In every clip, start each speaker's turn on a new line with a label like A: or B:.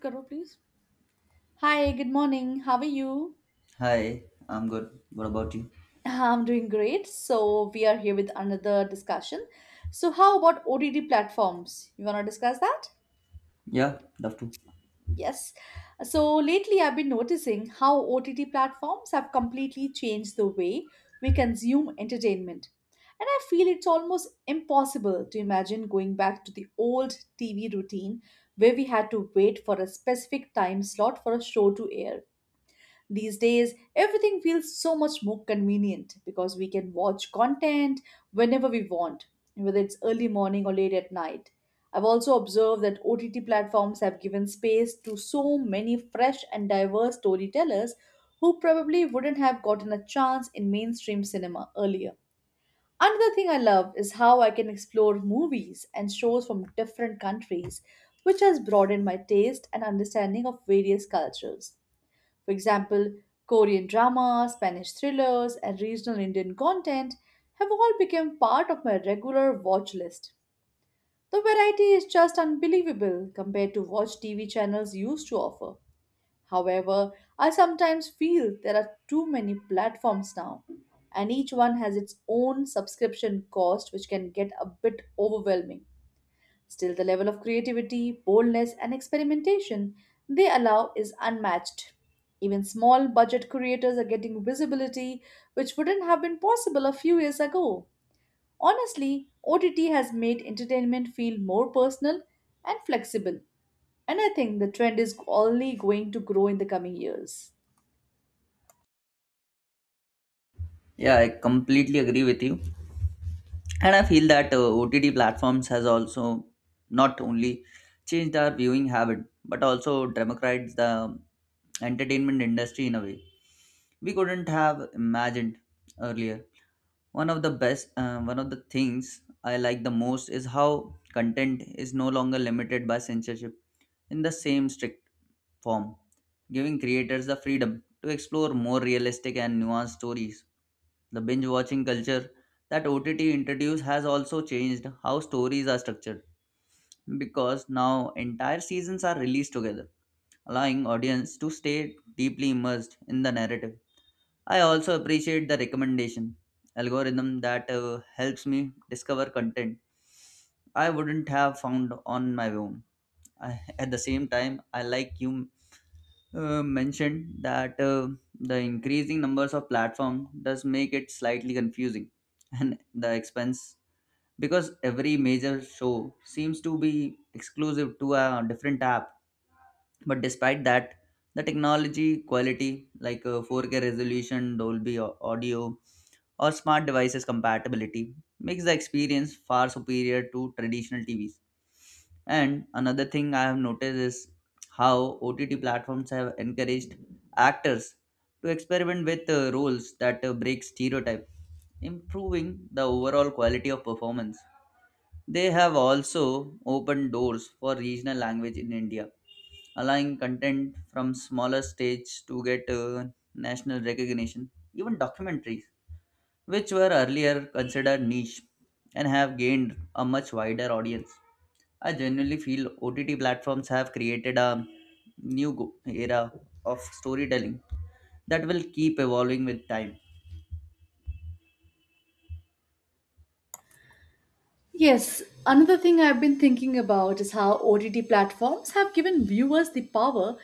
A: Karo, please. Hi, good morning. How are you?
B: Hi, I'm good. What about you?
A: I'm doing great. So, we are here with another discussion. So, how about OTT platforms? You want to discuss that?
B: Yeah, love to.
A: Yes. So, lately I've been noticing how OTT platforms have completely changed the way we consume entertainment. And I feel it's almost impossible to imagine going back to the old TV routine where we had to wait for a specific time slot for a show to air. These days, everything feels so much more convenient because we can watch content whenever we want, whether it's early morning or late at night. I've also observed that OTT platforms have given space to so many fresh and diverse storytellers who probably wouldn't have gotten a chance in mainstream cinema earlier. Another thing I love is how I can explore movies and shows from different countries, which has broadened my taste and understanding of various cultures. For example, Korean drama, Spanish thrillers, and regional Indian content have all become part of my regular watch list. The variety is just unbelievable compared to what TV channels used to offer. However, I sometimes feel there are too many platforms now, and each one has its own subscription cost, which can get a bit overwhelming. Still, the level of creativity, boldness, and experimentation they allow is unmatched. Even small budget creators are getting visibility which wouldn't have been possible a few years ago. Honestly, OTT has made entertainment feel more personal and flexible, and I think the trend is only going to grow in the coming years.
B: Yeah, I completely agree with you. And I feel that OTT platforms has also not only changed our viewing habit but also democratized the entertainment industry in a way we couldn't have imagined earlier. One of the one of the things I like the most is how content is no longer limited by censorship in the same strict form, giving creators the freedom to explore more realistic and nuanced stories. The binge watching culture that OTT introduced has also changed how stories are structured because now entire seasons are released together, allowing audience to stay deeply immersed in the narrative. I also appreciate the recommendation algorithm that helps me discover content I wouldn't have found on my own. I, at the same time, I like you mentioned that the increasing numbers of platform does make it slightly confusing and the expense, because every major show seems to be exclusive to a different app. But despite that, the technology quality like 4K resolution, audio, or smart devices compatibility makes the experience far superior to traditional TVs. And another thing I have noticed is how OTT platforms have encouraged actors to experiment with roles that break stereotype, improving the overall quality of performance. They have also opened doors for regional language in India, allowing content from smaller stages to get national recognition. Even documentaries which were earlier considered niche and have gained a much wider audience. I genuinely feel OTT platforms have created a era of storytelling that will keep evolving with time.
A: Yes, another thing I've been thinking about is how OTT platforms have given viewers the power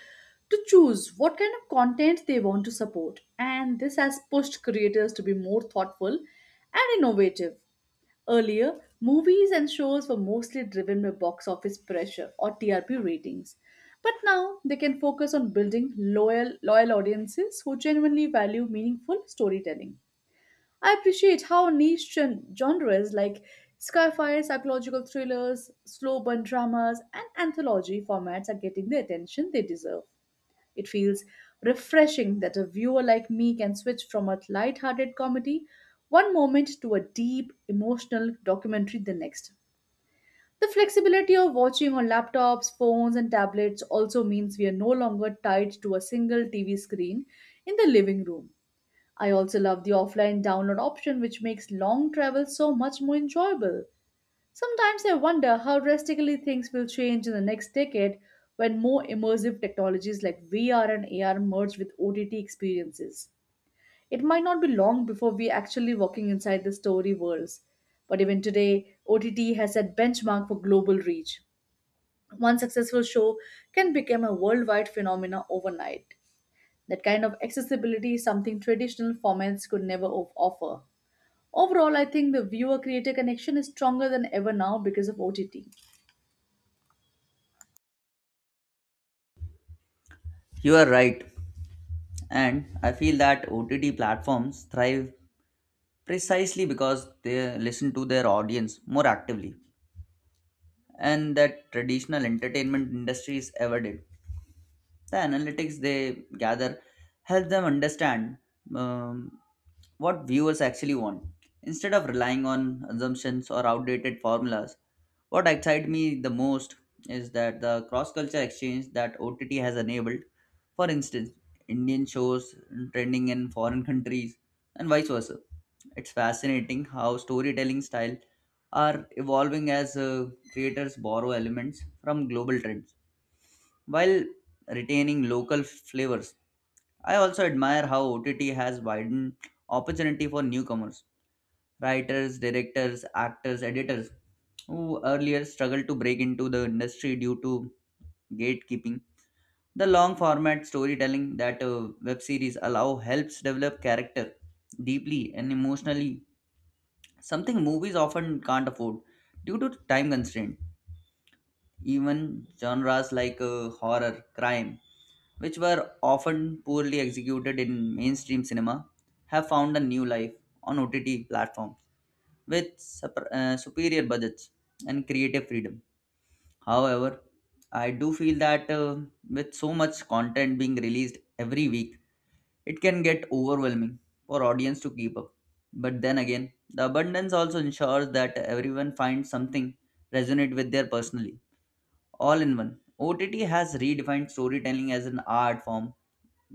A: to choose what kind of content they want to support, and this has pushed creators to be more thoughtful and innovative. Earlier, movies and shows were mostly driven by box office pressure or TRP ratings, but now they can focus on building loyal audiences who genuinely value meaningful storytelling. I appreciate how niche genres like sci-fi, psychological thrillers, slow burn dramas, and anthology formats are getting the attention they deserve. It feels refreshing that a viewer like me can switch from a light-hearted comedy one moment to a deep, emotional documentary the next. The flexibility of watching on laptops, phones, and tablets also means we are no longer tied to a single TV screen in the living room. I also love the offline download option, which makes long travel so much more enjoyable. Sometimes I wonder how drastically things will change in the next decade when more immersive technologies like VR and AR merge with OTT experiences. It might not be long before we're actually walking inside the story worlds. But even today, OTT has set benchmark for global reach. One successful show can become a worldwide phenomenon overnight. That kind of accessibility is something traditional formats could never offer. Overall, I think the viewer creator connection is stronger than ever now because of OTT.
B: You are right, and I feel that OTT platforms thrive precisely because they listen to their audience more actively and that traditional entertainment industries ever did. The analytics they gather help them understand um, what viewers actually want instead of relying on assumptions or outdated formulas. What excites me the most is that the cross-culture exchange that ott has enabled, for instance indian shows trending in foreign countries and vice versa. It's fascinating how storytelling style are evolving as creators borrow elements from global trends while retaining local flavors. I also admire how OTT has widened opportunity for newcomers, writers, directors, actors, editors who earlier struggled to break into the industry due to gatekeeping. The long format storytelling that web series allow helps develop character deeply and emotionally, something movies often can't afford due to time constraint. Even genres like horror, crime, which were often poorly executed in mainstream cinema, have found a new life on OTT platforms with superior budgets and creative freedom. However, I do feel that with so much content being released every week, it can get overwhelming for audience to keep up. But then again, the abundance also ensures that everyone finds something resonate with their personally. All in one, OTT has redefined storytelling as an art form,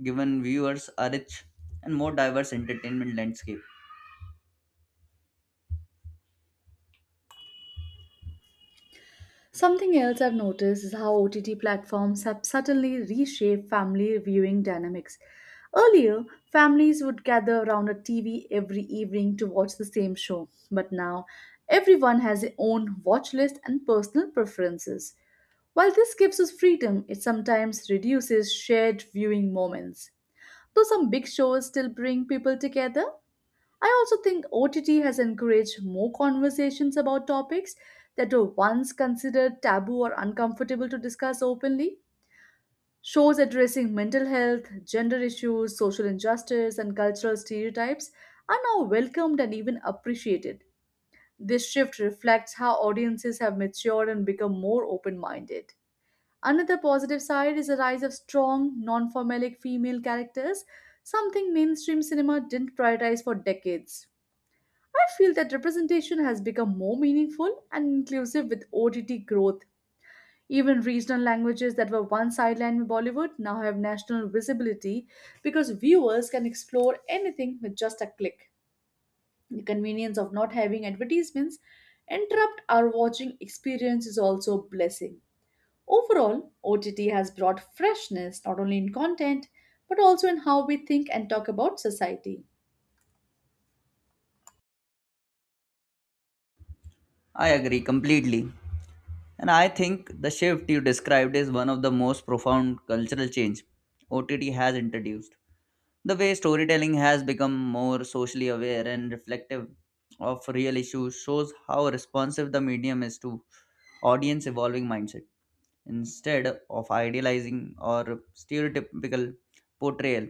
B: given viewers a rich and more diverse entertainment landscape.
A: Something else I've noticed is how OTT platforms have subtly reshaped family viewing dynamics. Earlier, families would gather around a TV every evening to watch the same show, but now everyone has their own watch list and personal preferences. While this gives us freedom, it sometimes reduces shared viewing moments. Though some big shows still bring people together, I also think OTT has encouraged more conversations about topics that were once considered taboo or uncomfortable to discuss openly. Shows addressing mental health, gender issues, social injustice, and cultural stereotypes are now welcomed and even appreciated. This shift reflects how audiences have matured and become more open minded. Another positive side is the rise of strong, non formalic female characters, something mainstream cinema didn't prioritize for decades. I feel that representation has become more meaningful and inclusive with OTT growth. Even regional languages that were once sidelined in Bollywood now have national visibility because viewers can explore anything with just a click. The convenience of not having advertisements interrupt our watching experience is also a blessing. Overall, OTT has brought freshness not only in content but also in how we think and talk about society.
B: I agree completely. And I think the shift you described is one of the most profound cultural change OTT has introduced. The way storytelling has become more socially aware and reflective of real issues shows how responsive the medium is to audience evolving mindset. Instead of idealizing or stereotypical portrayal,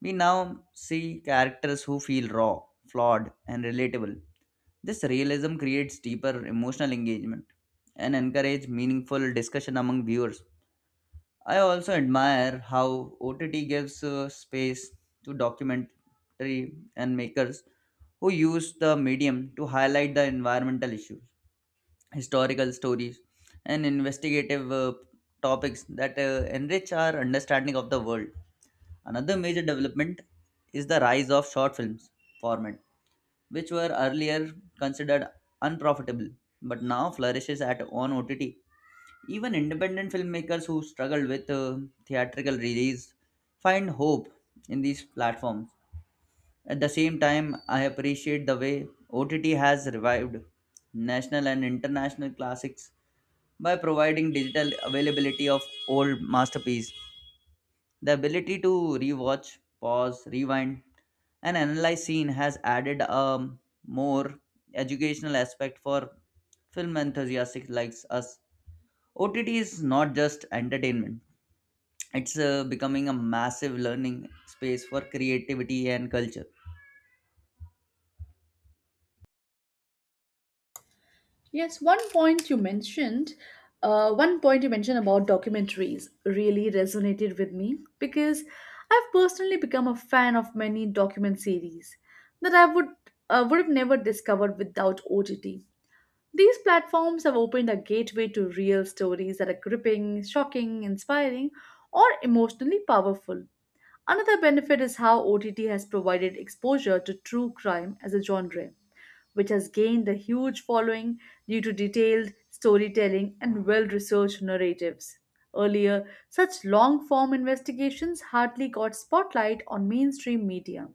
B: we now see characters who feel raw, flawed, and relatable. This realism creates deeper emotional engagement and encourage meaningful discussion among viewers. I also admire how OTT gives space to documentary and makers who use the medium to highlight the environmental issues, historical stories, and investigative topics that enrich our understanding of the world. Another major development is the rise of short films format, which were earlier considered unprofitable but now flourishes at on OTT. Even independent filmmakers who struggled with theatrical release find hope in these platforms. At the same time, I appreciate the way OTT has revived national and international classics by providing digital availability of old masterpieces. The ability to rewatch, pause, rewind, and analyze scene has added a more educational aspect for film enthusiasts like us. OTT is not just entertainment; it's becoming a massive learning space for creativity and culture.
A: Yes, one point you mentioned, one point you mentioned about documentaries really resonated with me because I've personally become a fan of many document series that I would have never discovered without OTT. These platforms have opened a gateway to real stories that are gripping, shocking, inspiring, or emotionally powerful. Another benefit is how OTT has provided exposure to true crime as a genre, which has gained a huge following due to detailed storytelling and well researched narratives. Earlier, such long form investigations hardly got spotlight on mainstream media.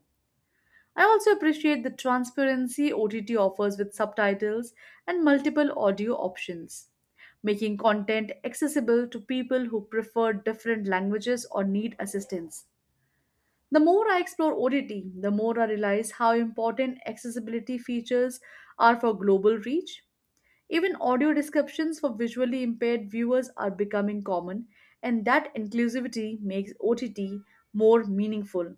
A: I also appreciate the transparency OTT offers with subtitles and multiple audio options, making content accessible to people who prefer different languages or need assistance. The more I explore OTT, the more I realize how important accessibility features are for global reach. Even audio descriptions for visually impaired viewers are becoming common, and that inclusivity makes OTT more meaningful.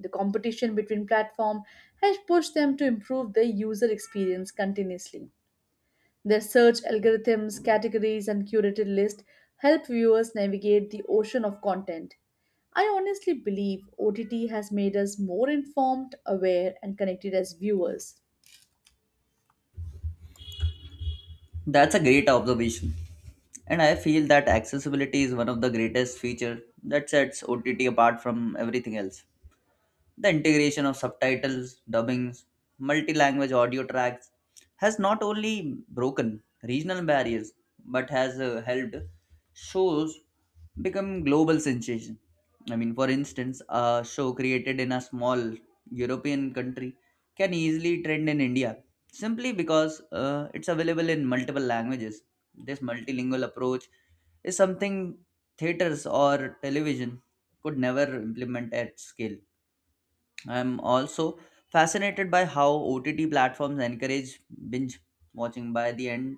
A: The competition between platforms has pushed them to improve their user experience continuously. Their search algorithms, categories, and curated lists help viewers navigate the ocean of content. I honestly believe OTT has made us more informed, aware, and connected as viewers.
B: That's a great observation, and I feel that accessibility is one of the greatest features that sets OTT apart from everything else. The integration of subtitles, dubbings, multi language audio tracks has not only broken regional barriers but has helped shows become global sensation. I mean, for instance, a show created in a small European country can easily trend in India simply because it's available in multiple languages. This multilingual approach is something theaters or television could never implement at scale. I'm also fascinated by how OTT platforms encourage binge watching by the end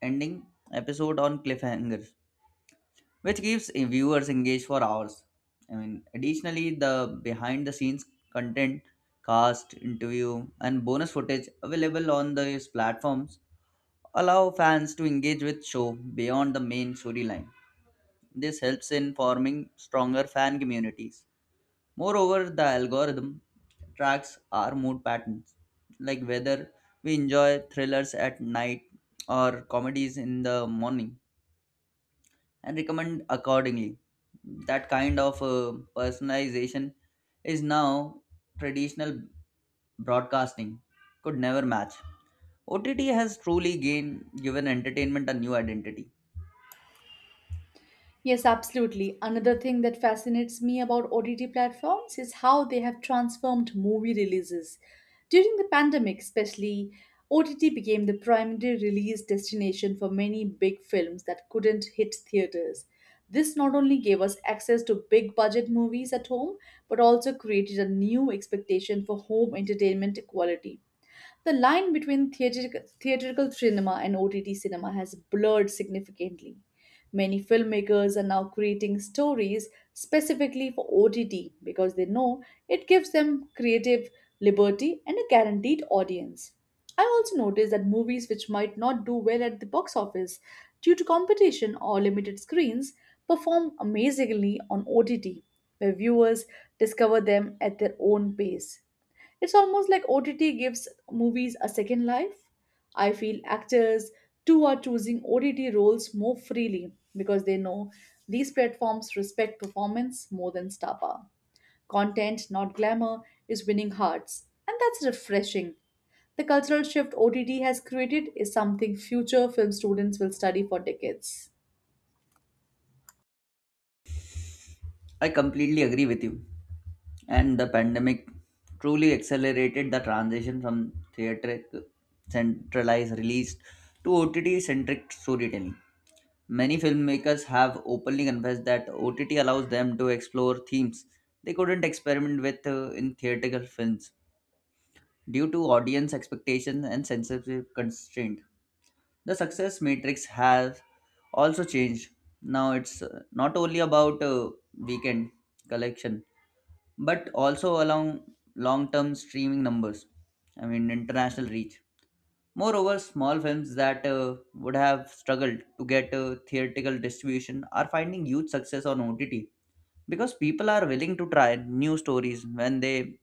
B: ending episode on cliffhangers, which keeps viewers engaged for hours. I mean, additionally, the behind the scenes content, cast, interview, and bonus footage available on these platforms allow fans to engage with show beyond the main storyline. This helps in forming stronger fan communities. Moreover, the algorithm tracks our mood patterns, like whether we enjoy thrillers at night or comedies in the morning, and recommend accordingly. That kind of personalization is now traditional broadcasting could never match. OTT has truly gained given entertainment a new identity.
A: Yes, absolutely. Another thing that fascinates me about OTT platforms is how they have transformed movie releases. During the pandemic, especially, OTT became the primary release destination for many big films that couldn't hit theaters. This not only gave us access to big budget movies at home, but also created a new expectation for home entertainment quality. The line between theatrical cinema and OTT cinema has blurred significantly. Many filmmakers are now creating stories specifically for OTT because they know it gives them creative liberty and a guaranteed audience. I also noticed that movies which might not do well at the box office due to competition or limited screens perform amazingly on OTT, where viewers discover them at their own pace. It's almost like OTT gives movies a second life. I feel actors too are choosing OTT roles more freely because they know these platforms respect performance more than star power. Content, not glamour, is winning hearts, and that's refreshing. The cultural shift OTT has created is something future film students will study for decades.
B: I completely agree with you. And the pandemic truly accelerated the transition from theatric centralized release to OTT centric storytelling. Many filmmakers have openly confessed that OTT allows them to explore themes they couldn't experiment with in theatrical films due to audience expectations and censorship constraint. The success matrix has also changed. Now it's not only about weekend collection but also along long term streaming numbers, I mean, international reach. Moreover, small films that would have struggled to get theatrical distribution are finding huge success on OTT because people are willing to try new stories when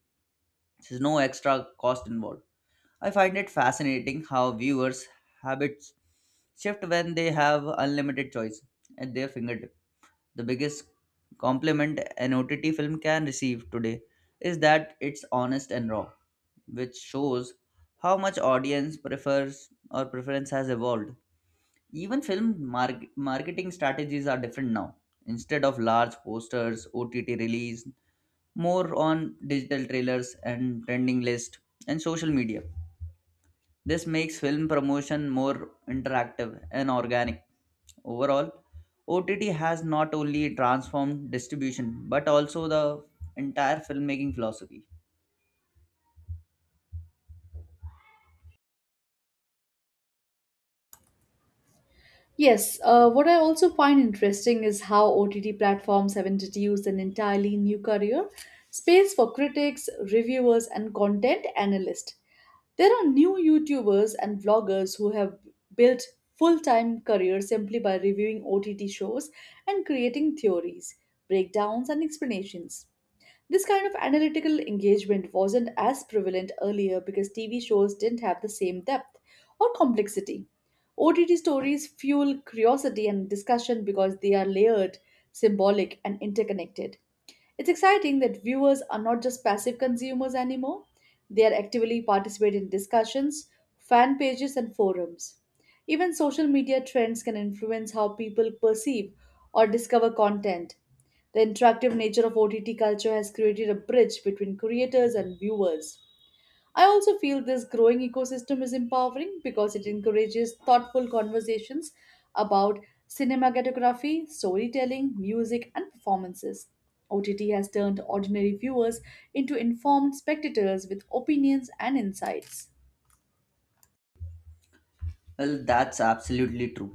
B: there's no extra cost involved. I find it fascinating how viewers' habits shift when they have unlimited choice at their fingertips. The biggest compliment an OTT film can receive today is that it's honest and raw, which shows how much audience prefers or preference has evolved. Even marketing strategies are different now. Instead of large posters, OTT release, more on digital trailers and trending list and social media. This makes film promotion more interactive and organic. Overall, OTT has not only transformed distribution but also the entire filmmaking philosophy.
A: Yes, what I also find interesting is how OTT platforms have introduced an entirely new career space for critics, reviewers, and content analysts. There are new YouTubers and vloggers who have built full time careers simply by reviewing OTT shows and creating theories, breakdowns, and explanations. This kind of analytical engagement wasn't as prevalent earlier because TV shows didn't have the same depth or complexity. OTT stories fuel curiosity and discussion because they are layered, symbolic, and interconnected. It's exciting that viewers are not just passive consumers anymore, they are actively participating in discussions, fan pages, and forums. Even social media trends can influence how people perceive or discover content, the interactive nature of OTT culture has created a bridge between creators and viewers. I also feel this growing ecosystem is empowering because it encourages thoughtful conversations about cinematography, storytelling, music, and performances. OTT has turned ordinary viewers into informed spectators with opinions and insights.
B: Well, that's absolutely true.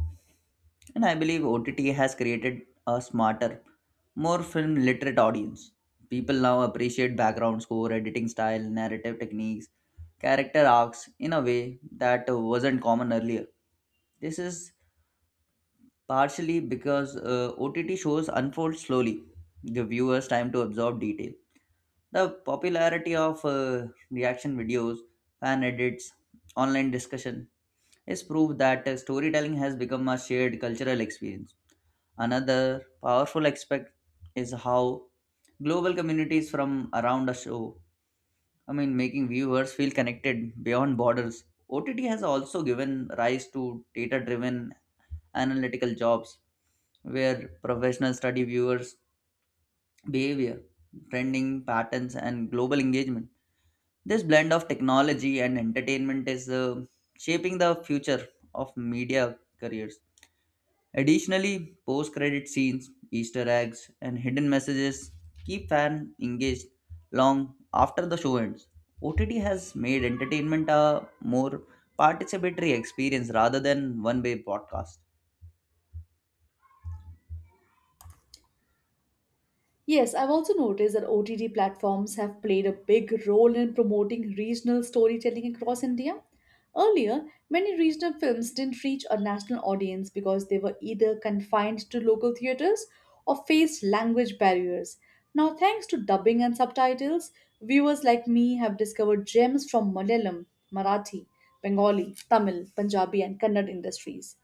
B: And I believe OTT has created a smarter, more film literate audience. People now appreciate background score, editing style, narrative techniques, character arcs in a way that wasn't common earlier. This is partially because OTT shows unfold slowly, the viewers time to absorb detail. The popularity of reaction videos, fan edits, online discussion is proof that storytelling has become a shared cultural experience. Another powerful aspect is how global communities from around a show, I mean, making viewers feel connected beyond borders. OTT has also given rise to data driven analytical jobs where professionals study viewers' behavior, trending patterns, and global engagement. This blend of technology and entertainment is shaping the future of media careers. Additionally, post credit scenes, Easter eggs, and hidden messages keep fans engaged long after the show ends. OTT has made entertainment a more participatory experience rather than one way broadcast.
A: Yes, I've also noticed that OTT platforms have played a big role in promoting regional storytelling across India. Earlier, many regional films didn't reach a national audience because they were either confined to local theaters or faced language barriers. Now, thanks to dubbing and subtitles, viewers like me have discovered gems from Malayalam, Marathi, Bengali, Tamil, Punjabi, and Kannada industries.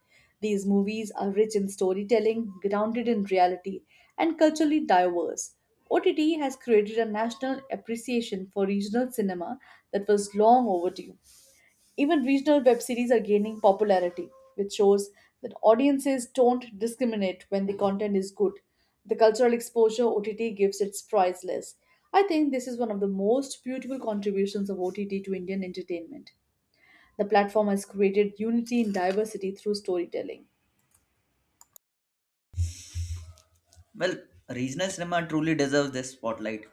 A: These movies are rich in storytelling, grounded in reality, and culturally diverse. OTT has created a national appreciation for regional cinema that was long overdue. Even regional web series are gaining popularity, which shows that audiences don't discriminate when the content is good. The cultural exposure OTT gives is priceless. I think this is one of the most beautiful contributions of OTT to Indian entertainment. The platform has created unity in diversity through storytelling.
B: Well, regional cinema truly deserves this spotlight,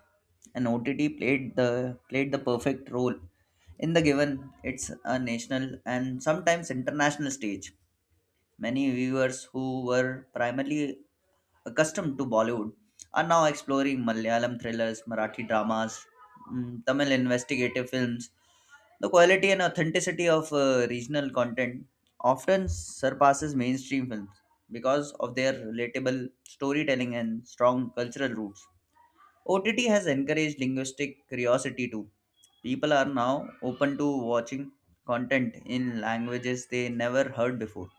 B: and OTT played the perfect role in the given it's a national and sometimes international stage. Many viewers who were primarily accustomed to Bollywood are now exploring Malayalam thrillers, Marathi dramas, Tamil investigative films. The quality and authenticity of regional content often surpasses mainstream films because of their relatable storytelling and strong cultural roots. OTT has encouraged linguistic curiosity too. People are now open to watching content in languages they never heard before.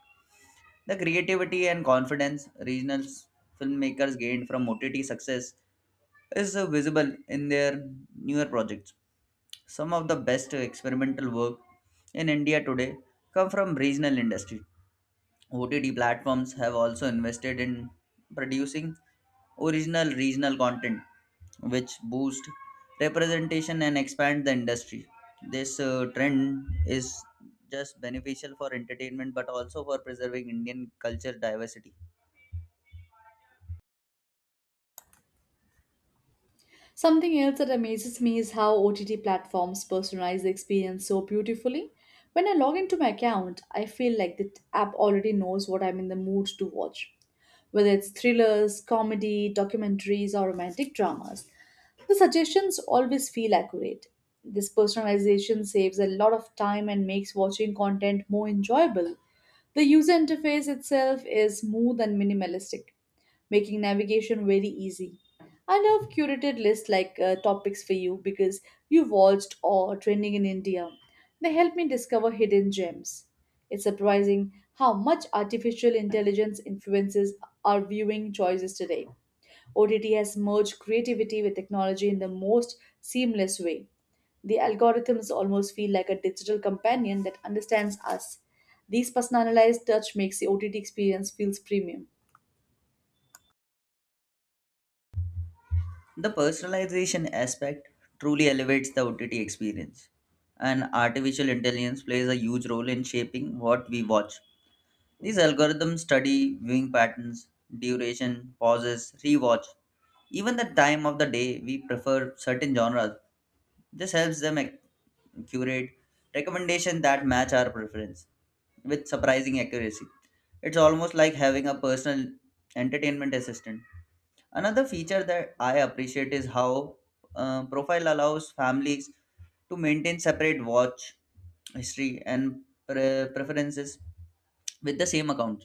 B: The creativity and confidence filmmakers gained from OTT success is visible in their newer projects. Some of the best experimental work in India today come from regional industry. OTT platforms have also invested in producing original regional content which boost representation and expand the industry. This trend is just beneficial for entertainment but also for preserving Indian culture diversity.
A: Something else that amazes me is how OTT platforms personalize the experience so beautifully. When I log into my account, I feel like the app already knows what I'm in the mood to watch, whether it's thrillers, comedy, documentaries, or romantic dramas. The suggestions always feel accurate. This personalization saves a lot of time and makes watching content more enjoyable. The user interface itself is smooth and minimalistic, making navigation very easy. And I've curated lists like topics for you because you watched or trending in India. They help me discover hidden gems. It's surprising how much artificial intelligence influences our viewing choices today. OTT has merged creativity with technology in the most seamless way. The algorithms almost feel like a digital companion that understands us. These personalized touch makes the OTT experience feels premium.
B: The personalization aspect truly elevates the OTT experience, and artificial intelligence plays a huge role in shaping what we watch. These algorithms study viewing patterns, duration, pauses, rewatch, even the time of the day we prefer certain genres. This helps them curate recommendations that match our preference with surprising accuracy. It's almost like having a personal entertainment assistant. Another feature that I appreciate is how Profile allows families to maintain separate watch history and preferences with the same account.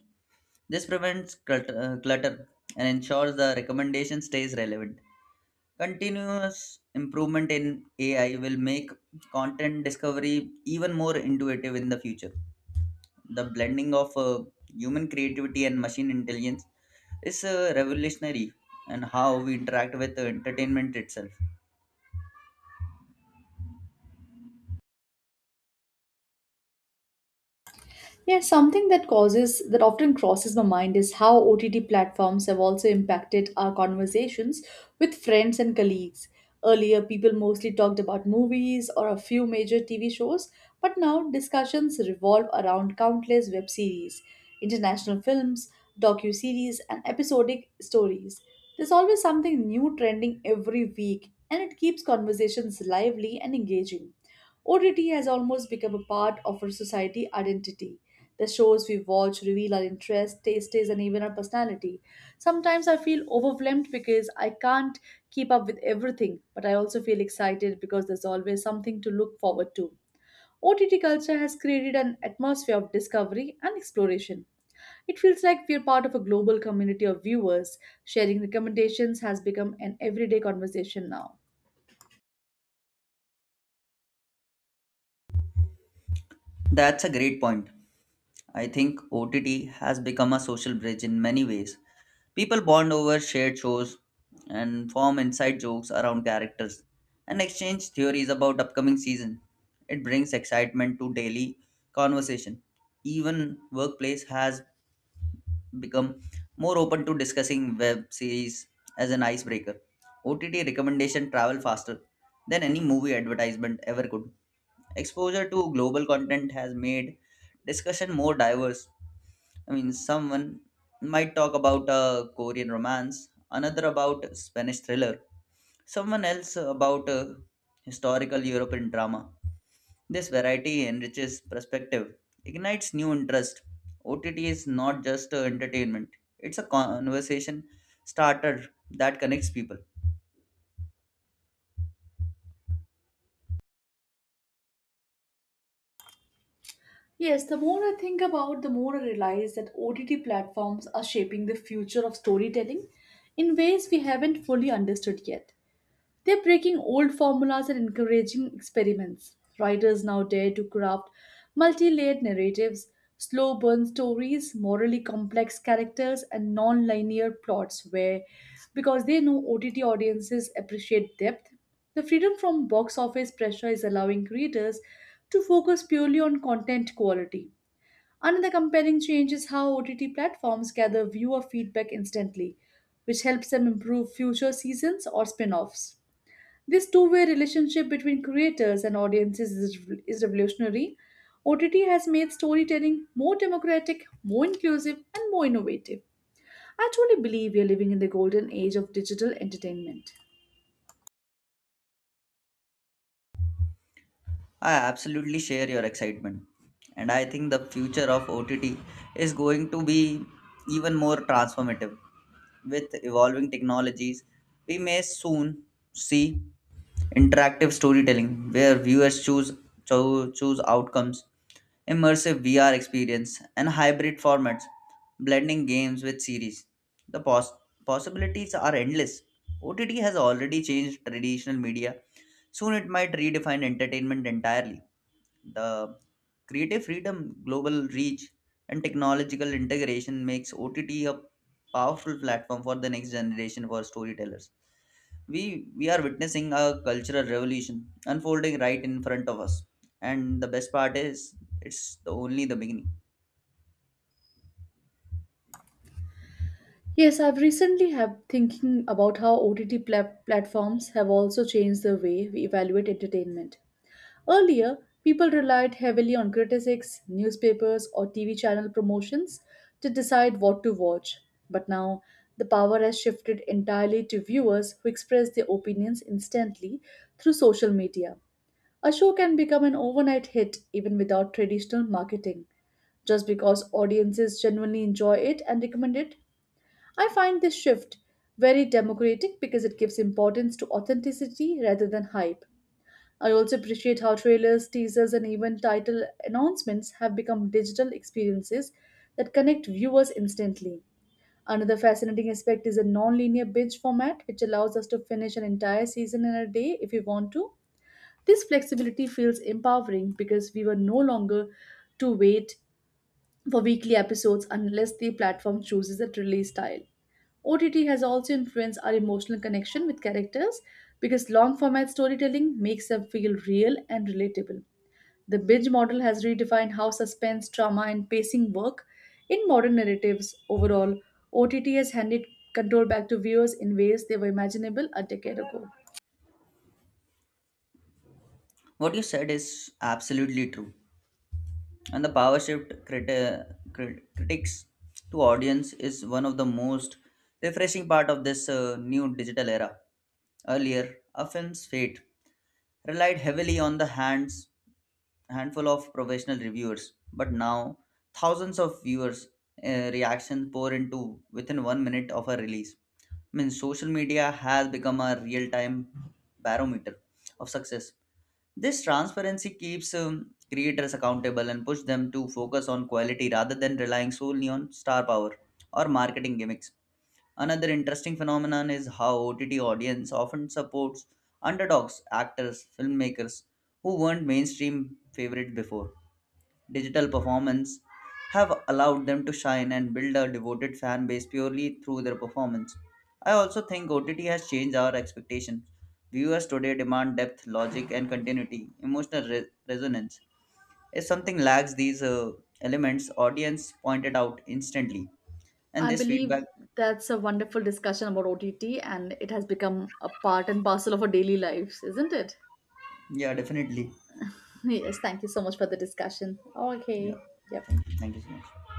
B: This prevents clutter and ensures the recommendation stays relevant. Continuous improvement in AI will make content discovery even more intuitive in the future. The blending of human creativity and machine intelligence is revolutionary and how we interact with the entertainment itself.
A: Yeah, something that often crosses my mind is how OTT platforms have also impacted our conversations with friends and colleagues. Earlier, people mostly talked about movies or a few major TV shows, but now discussions revolve around countless web series, international films, docu-series, and episodic stories. There's always something new trending every week, and it keeps conversations lively and engaging. OTT has almost become a part of our society identity the shows we watch reveal our interests, tastes, and even our personality. Sometimes I feel overwhelmed because I can't keep up with everything, but I also feel excited because there's always something to look forward to. OTT culture has created an atmosphere of discovery and exploration. It feels like we're part of a global community of viewers. Sharing recommendations has become an everyday conversation now.
B: That's a great point. I think OTT has become a social bridge in many ways. People bond over shared shows and form inside jokes around characters and exchange theories about upcoming season. It brings excitement to daily conversation. Even workplace has become more open to discussing web series as an icebreaker. OTT recommendation travel faster than any movie advertisement ever could. Exposure to global content has made discussion more diverse. I mean, someone might talk about a Korean romance, another about Spanish thriller, someone else about a historical European drama. This variety enriches perspective, ignites new interest. OTT is not just entertainment, it's a conversation starter that connects people.
A: Yes, the more I think about, the more I realize that OTT platforms are shaping the future of storytelling in ways we haven't fully understood yet. They're breaking old formulas and encouraging experiments. Writers now dare to craft multi layered narratives, slow burn stories, morally complex characters, and non linear plots where, because they know OTT audiences appreciate depth, the freedom from box office pressure is allowing creators to focus purely on content quality. Another compelling change is how OTT platforms gather viewer feedback instantly, which helps them improve future seasons or spin offs. This two-way relationship between creators and audiences is revolutionary. OTT has made storytelling more democratic, more inclusive, and more innovative. I truly believe we are living in the golden age of digital entertainment.
B: I absolutely share your excitement. And I think the future of OTT is going to be even more transformative. With evolving technologies, we may soon see interactive storytelling where viewers choose outcomes, immersive VR experience, and hybrid formats, blending games with series. The possibilities are endless. OTT has already changed traditional media. Soon it might redefine entertainment entirely. The creative freedom, global reach, and technological integration makes OTT a powerful platform for the next generation for storytellers. We are witnessing a cultural revolution unfolding right in front of us. And the best part is it's the only the beginning.
A: Yes, I've recently have thinking about how OTT platforms have also changed the way we evaluate entertainment. Earlier, people relied heavily on critics, newspapers, or TV channel promotions to decide what to watch. But now, the power has shifted entirely to viewers who express their opinions instantly through social media. A show can become an overnight hit even without traditional marketing, just because audiences genuinely enjoy it and recommend it. I find this shift very democratic because it gives importance to authenticity rather than hype. I also appreciate how trailers, teasers, and even title announcements have become digital experiences that connect viewers instantly. Another fascinating aspect is a non-linear binge format, which allows us to finish an entire season in a day if we want to. This flexibility feels empowering because we were no longer to wait for weekly episodes unless the platform chooses a release style. OTT has also influenced our emotional connection with characters because long format storytelling makes them feel real and relatable. The Binge model has redefined how suspense, trauma, and pacing work in modern narratives. Overall, OTT has handed control back to viewers in ways they were imaginable a decade ago.
B: What you said is absolutely true. And the power shift critics to audience is one of the most refreshing part of this new digital era. Earlier, a film's fate relied heavily on the hands handful of professional reviewers, but now thousands of viewers reactions pour into within 1 minute of a release. I mean social media has become a real-time barometer of success. This transparency keeps creators accountable and push them to focus on quality rather than relying solely on star power or marketing gimmicks. Another interesting phenomenon is how OTT audience often supports underdogs, actors, filmmakers who weren't mainstream favorite before. Digital performance have allowed them to shine and build a devoted fan base purely through their performance. I also think OTT has changed our expectations. Viewers today demand depth, logic, and continuity, resonance. If something lacks these elements, audience point it out instantly. And
A: I
B: this feedback,
A: believe that's a wonderful discussion about OTT, and it has become a part and parcel of our daily lives, isn't it?
B: yeah, definitely.
A: Yes, thank you so much for the discussion.
B: Yeah,
A: Okay, yep.
B: thank you. Thank you so much.